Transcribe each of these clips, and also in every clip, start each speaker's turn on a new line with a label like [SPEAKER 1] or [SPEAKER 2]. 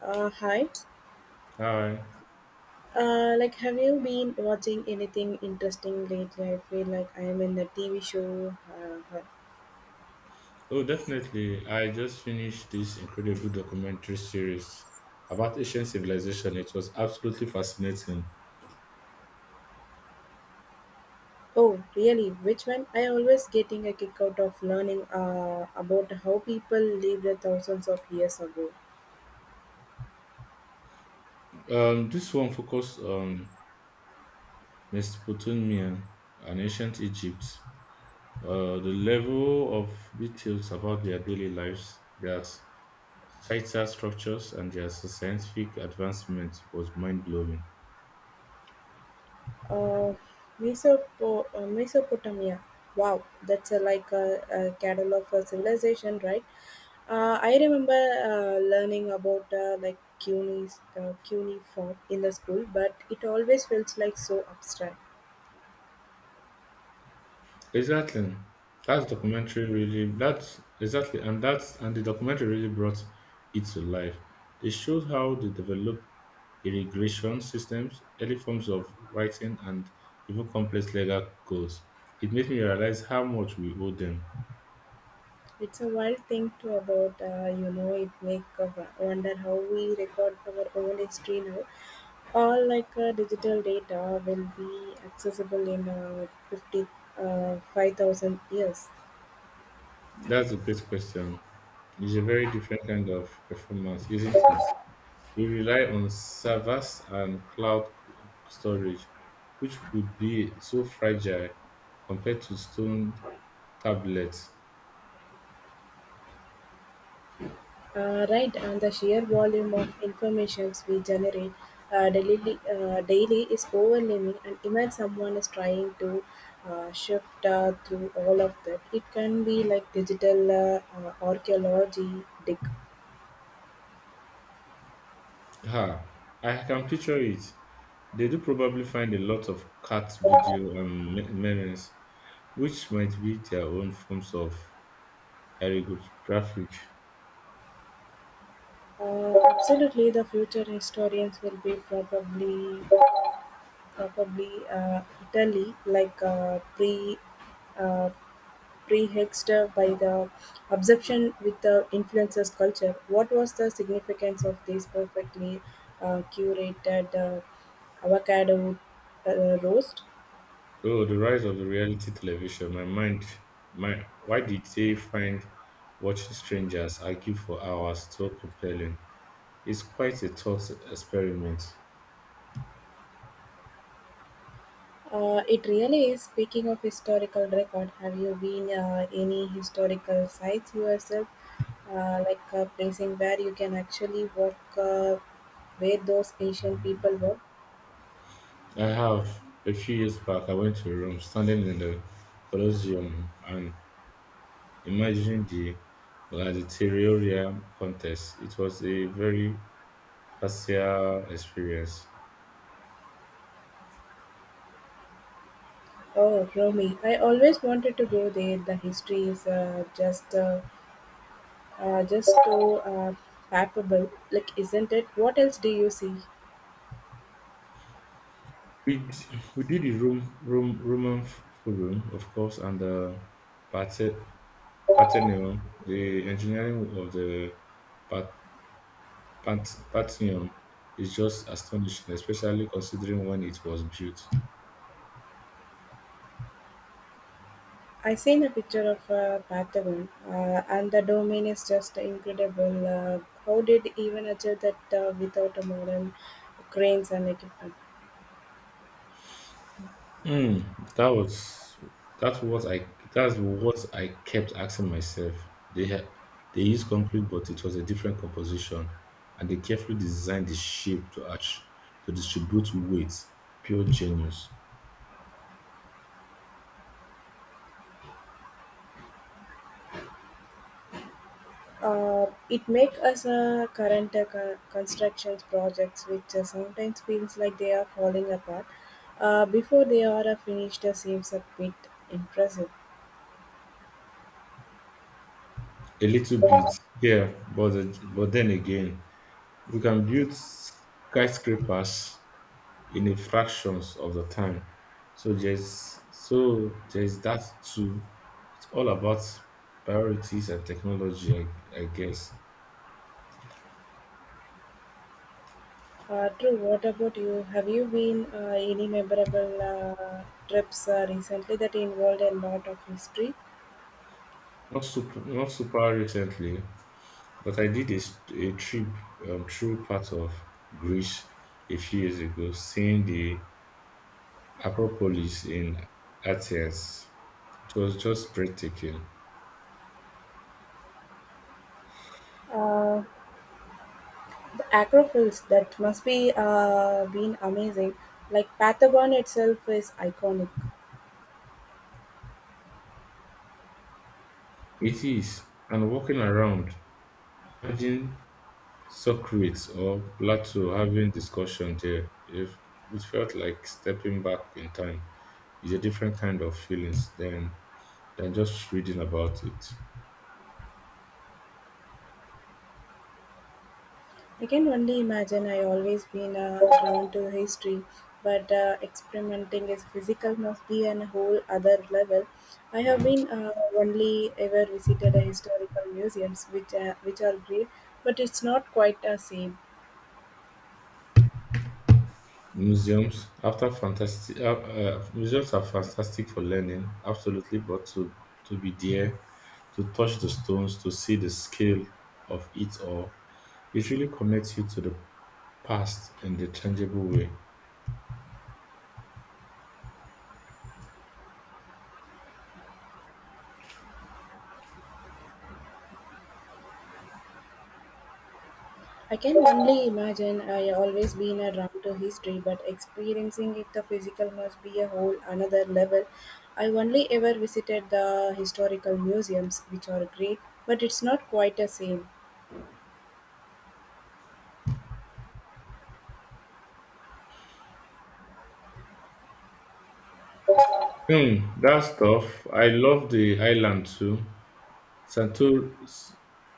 [SPEAKER 1] Hi.
[SPEAKER 2] Hi.
[SPEAKER 1] Have you been watching anything interesting lately? I feel like I am in the TV show. Uh,
[SPEAKER 2] Oh, definitely. I just finished this incredible documentary series about ancient civilization. It was absolutely fascinating.
[SPEAKER 1] oh, really? Which one? I always getting a kick out of learning about how people lived thousands of years ago.
[SPEAKER 2] This one focused on Mesopotamia and ancient Egypt. The level of details about their daily lives, their societal structures, and their scientific advancement was mind blowing.
[SPEAKER 1] Uh, Mesopotamia. Wow, that's a catalog of a civilization, right? I remember learning about like CUNY's cuneiform in the school, but it always felt like so abstract.
[SPEAKER 2] Exactly. That's documentary really that's exactly and that's and the documentary really brought it to life. They showed how they develop irrigation systems, early forms of writing, and even complex legal codes. It made me realize how much we owe them.
[SPEAKER 1] It's a wild thing to about, it make wonder how we record our own history now. All like digital data will be accessible in 5,000 years.
[SPEAKER 2] That's a great question. It's a very different kind of performance, isn't it? We rely on servers and storage, which would be so fragile compared to stone tablet.
[SPEAKER 1] Right, and the sheer volume of informations we generate daily is overwhelming. And imagine someone is trying to shift through all of that. It can be like digital archaeology, dig.
[SPEAKER 2] Ah, I can picture it. They do probably find a lot of cat video memes, which might be their own forms of graphic.
[SPEAKER 1] Absolutely, the future historians will be probably Italy, like uh, Prehistory by the absorption with the influencer culture, what was the significance of this perfectly curated avocado roast?
[SPEAKER 2] Oh, the rise of the reality television. My why did they find watching strangers argue for hours so compelling? It's quite a thought experiment.
[SPEAKER 1] It really is. Speaking of historical record, have you been any historical sites yourself, like a placing where you can actually walk where those ancient people were?
[SPEAKER 2] I have a few years back. I went to Rome, standing in the Colosseum, and imagine the gladiatorial contest. It was a very partial experience.
[SPEAKER 1] Oh, Romy, I always wanted to go there. The history is just so palpable, like isn't it? What else do you see?
[SPEAKER 2] We did the Forum, of course, and the Parthe- Parthenon. The engineering of the Par- Parthenon is just astonishing, especially considering when it was built.
[SPEAKER 1] I seen a picture of a Patagon, and the domain is just incredible. How did even achieve that without a modern cranes and equipment?
[SPEAKER 2] Mm, that's what I that's what I kept asking myself. They had they used concrete, but it was a different composition, and they carefully designed the shape to arch, to distribute weight. Pure genius.
[SPEAKER 1] It makes us current construction projects, which sometimes feels like they are falling apart. Before they are finished, seems a bit impressive.
[SPEAKER 2] A little bit, yeah, but then again, we can build skyscrapers in a fractions of the time. So there's that too. It's all about priorities and technology, I guess.
[SPEAKER 1] Drew, what about you? Have you been any memorable trips recently that involved a lot of history?
[SPEAKER 2] Not super recently, but I did a trip through part of Greece a few years ago, seeing the Acropolis in Athens. It was just breathtaking.
[SPEAKER 1] Uh, the Acrofills that must be been amazing. Like Patagon itself is iconic.
[SPEAKER 2] It is, and walking around, imagine Socrates or Plato having discussion there, if it felt like stepping back in time. It's a different kind of feelings than just reading about it.
[SPEAKER 1] I can only imagine. I always been drawn to history, but experimenting is physical must be on a whole other level. I have been only ever visited a historical museums, which are great, but it's not quite the same.
[SPEAKER 2] Museums are fantastic for learning, absolutely, but to be there, to touch the stones, to see the scale of it all, it really connects you to the past in the tangible way.
[SPEAKER 1] I can only imagine I always been around to history, but experiencing it the physical must be a whole another level. I only ever visited the historical museums, which are great, but it's not quite the same.
[SPEAKER 2] Hmm, that's tough. I love the island too. Santor-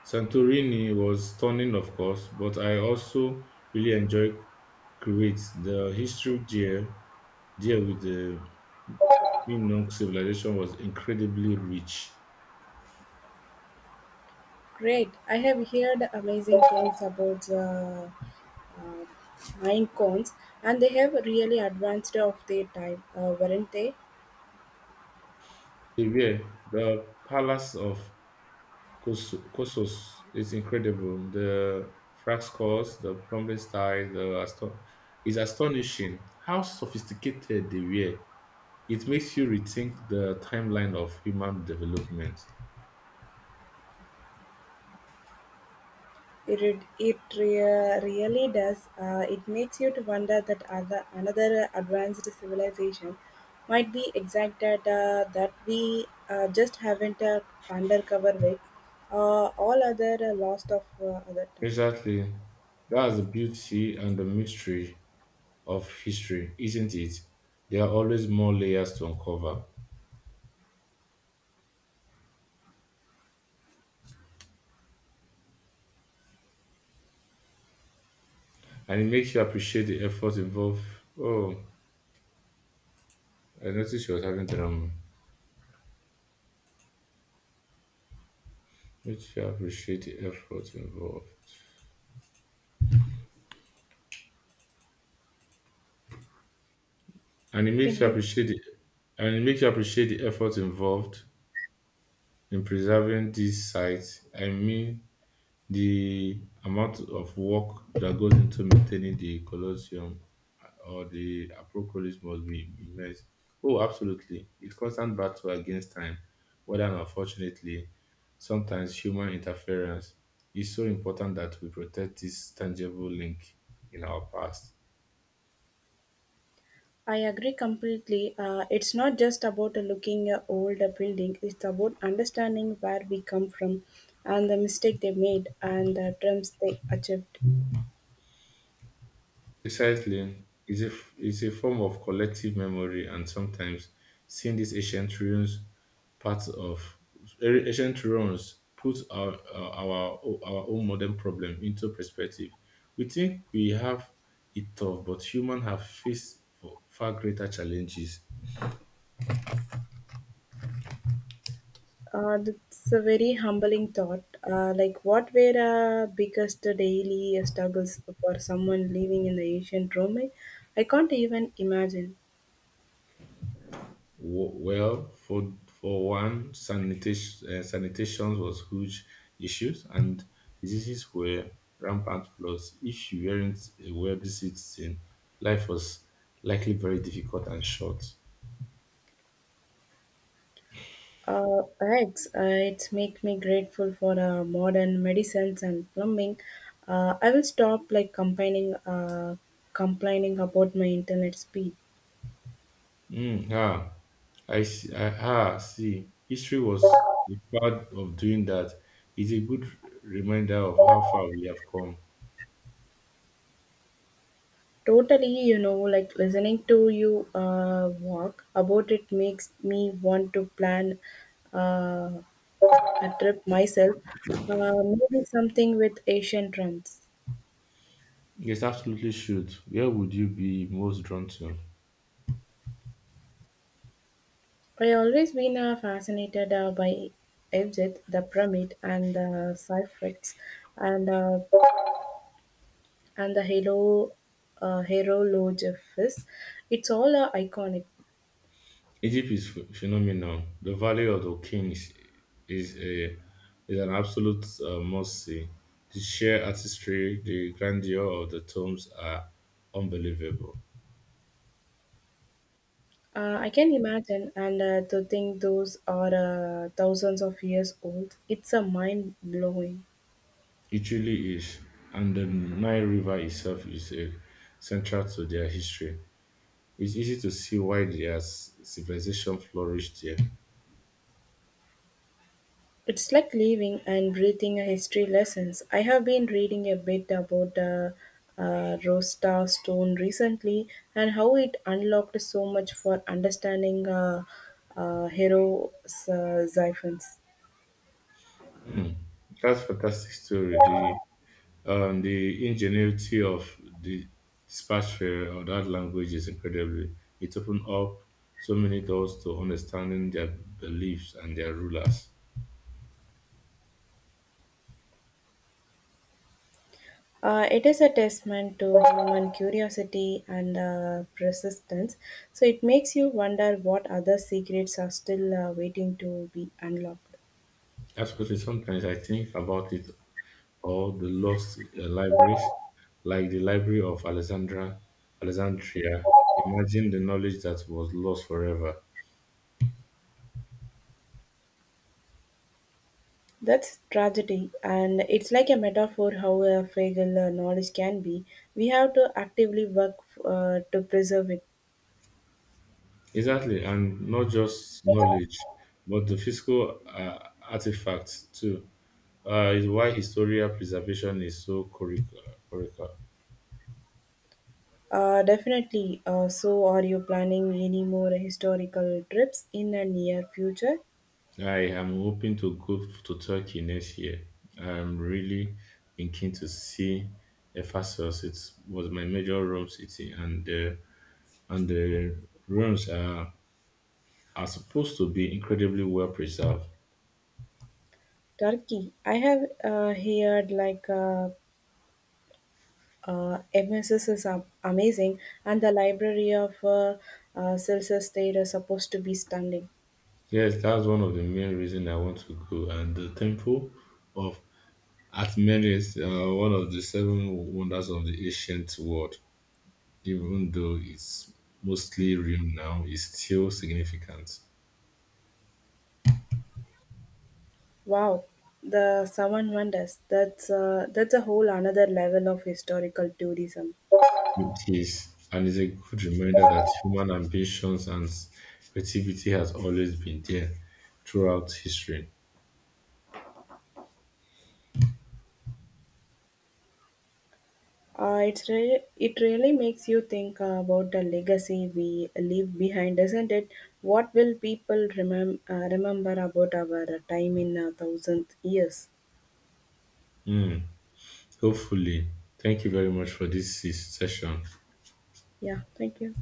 [SPEAKER 2] Santorini was stunning, of course, but I also really enjoyed Crete. The history there, there with the Minoan civilization was incredibly rich.
[SPEAKER 1] Great. I have heard amazing things about uh, mine and they have really advanced of their time, weren't they?
[SPEAKER 2] Severe, the palace of Kossos is incredible. The frescoes, the prominent style, is astonishing how sophisticated they were. It makes you rethink the timeline of human development.
[SPEAKER 1] It really does. It makes you to wonder that other, another advanced civilization might be exact data that we just haven't undercover with all other lost of other times.
[SPEAKER 2] Exactly. That's the beauty and the mystery of history, isn't it? There are always more layers to uncover, and it makes you appreciate the effort involved. Oh, I noticed she was having drama. Makes you appreciate the effort involved, and it
[SPEAKER 1] Can
[SPEAKER 2] makes you
[SPEAKER 1] help.
[SPEAKER 2] appreciate the, and it makes you appreciate the effort involved in preserving these sites. I mean, the amount of work that goes into maintaining the Colosseum or the Acropolis must be immense. Oh, absolutely. It's constant battle against time, whether unfortunately, sometimes human interference is so important that we protect this tangible link in our past.
[SPEAKER 1] I agree completely. It's not just about looking old a building. It's about understanding where we come from, and the mistake they made, and the dreams they achieved.
[SPEAKER 2] Precisely, is a form of collective memory, and sometimes seeing these ancient ruins, parts of ancient ruins, put our own modern problem into perspective. We think we have it tough, but humans have faced for far greater challenges.
[SPEAKER 1] That's a very humbling thought. What were biggest daily struggles for someone living in the ancient Rome? I can't even imagine.
[SPEAKER 2] Well, for one, sanitation was huge issues, and diseases were rampant. Plus, if you weren't a wealthy citizen, life was likely very difficult and short.
[SPEAKER 1] Eggs, it make me grateful for modern medicines and plumbing. I will stop like complaining about my internet speed.
[SPEAKER 2] Mm, ah, I see. See. History was the part of doing that. It's a good reminder of how far we have come.
[SPEAKER 1] Totally, you know, like listening to you walk about it makes me want to plan uh, a trip myself, maybe something with Asian drums.
[SPEAKER 2] Yes, absolutely should. Where would you be most drawn to?
[SPEAKER 1] I always been fascinated by Egypt, the pyramid, and the Cyphex, and uh, and the Halo Herologephus. It's all iconic.
[SPEAKER 2] Egypt is phenomenal. The Valley of the Kings is a is an absolute must see. The sheer artistry, the grandeur of the tombs are unbelievable.
[SPEAKER 1] I can imagine, and to think those are thousands of years old, it's a mind blowing.
[SPEAKER 2] It really is, and the Nile River itself is a central to their history. It's easy to see why their civilization flourished there.
[SPEAKER 1] It's like living and breathing a history lessons. I have been reading a bit about the Rosetta Stone recently and how it unlocked so much for understanding hero siphons.
[SPEAKER 2] Hmm. That's fantastic story. The ingenuity of the dispatcher of that language is incredibly. It opened up so many doors to understanding their beliefs and their rulers.
[SPEAKER 1] It is a testament to human curiosity and persistence, so it makes you wonder what other secrets are still waiting to be unlocked.
[SPEAKER 2] Absolutely. Sometimes I think about it all the lost libraries, like the Library of Alexandria. Imagine the knowledge that was lost forever.
[SPEAKER 1] That's tragedy, and it's like a metaphor how fragile knowledge can be. We have to actively work to preserve it.
[SPEAKER 2] Exactly, and not just knowledge, but the physical artifacts too. Is why historical preservation is so critical.
[SPEAKER 1] Definitely. So, are you planning any more historical trips in the near future?
[SPEAKER 2] I am hoping to go to Turkey next year. I'm really been keen to see Ephesus. It was my major Rome city, and the ruins are supposed to be incredibly well preserved.
[SPEAKER 1] Turkey. I have heard like MSS is amazing, and the library of Celsus State is supposed to be stunning.
[SPEAKER 2] Yes, that's one of the main reasons I want to go. And the temple of Archimedes, one of the seven wonders of the ancient world, even though it's mostly ruined now, is still significant.
[SPEAKER 1] Wow, the Seven Wonders. That's a whole another level of historical tourism.
[SPEAKER 2] It is, and it's a good reminder that human ambitions and creativity has always been there throughout history.
[SPEAKER 1] It really makes you think about the legacy we leave behind, doesn't it? What will people remember about our time in a 1,000 years?
[SPEAKER 2] Hmm. Hopefully, thank you very much for this session.
[SPEAKER 1] Yeah, thank you.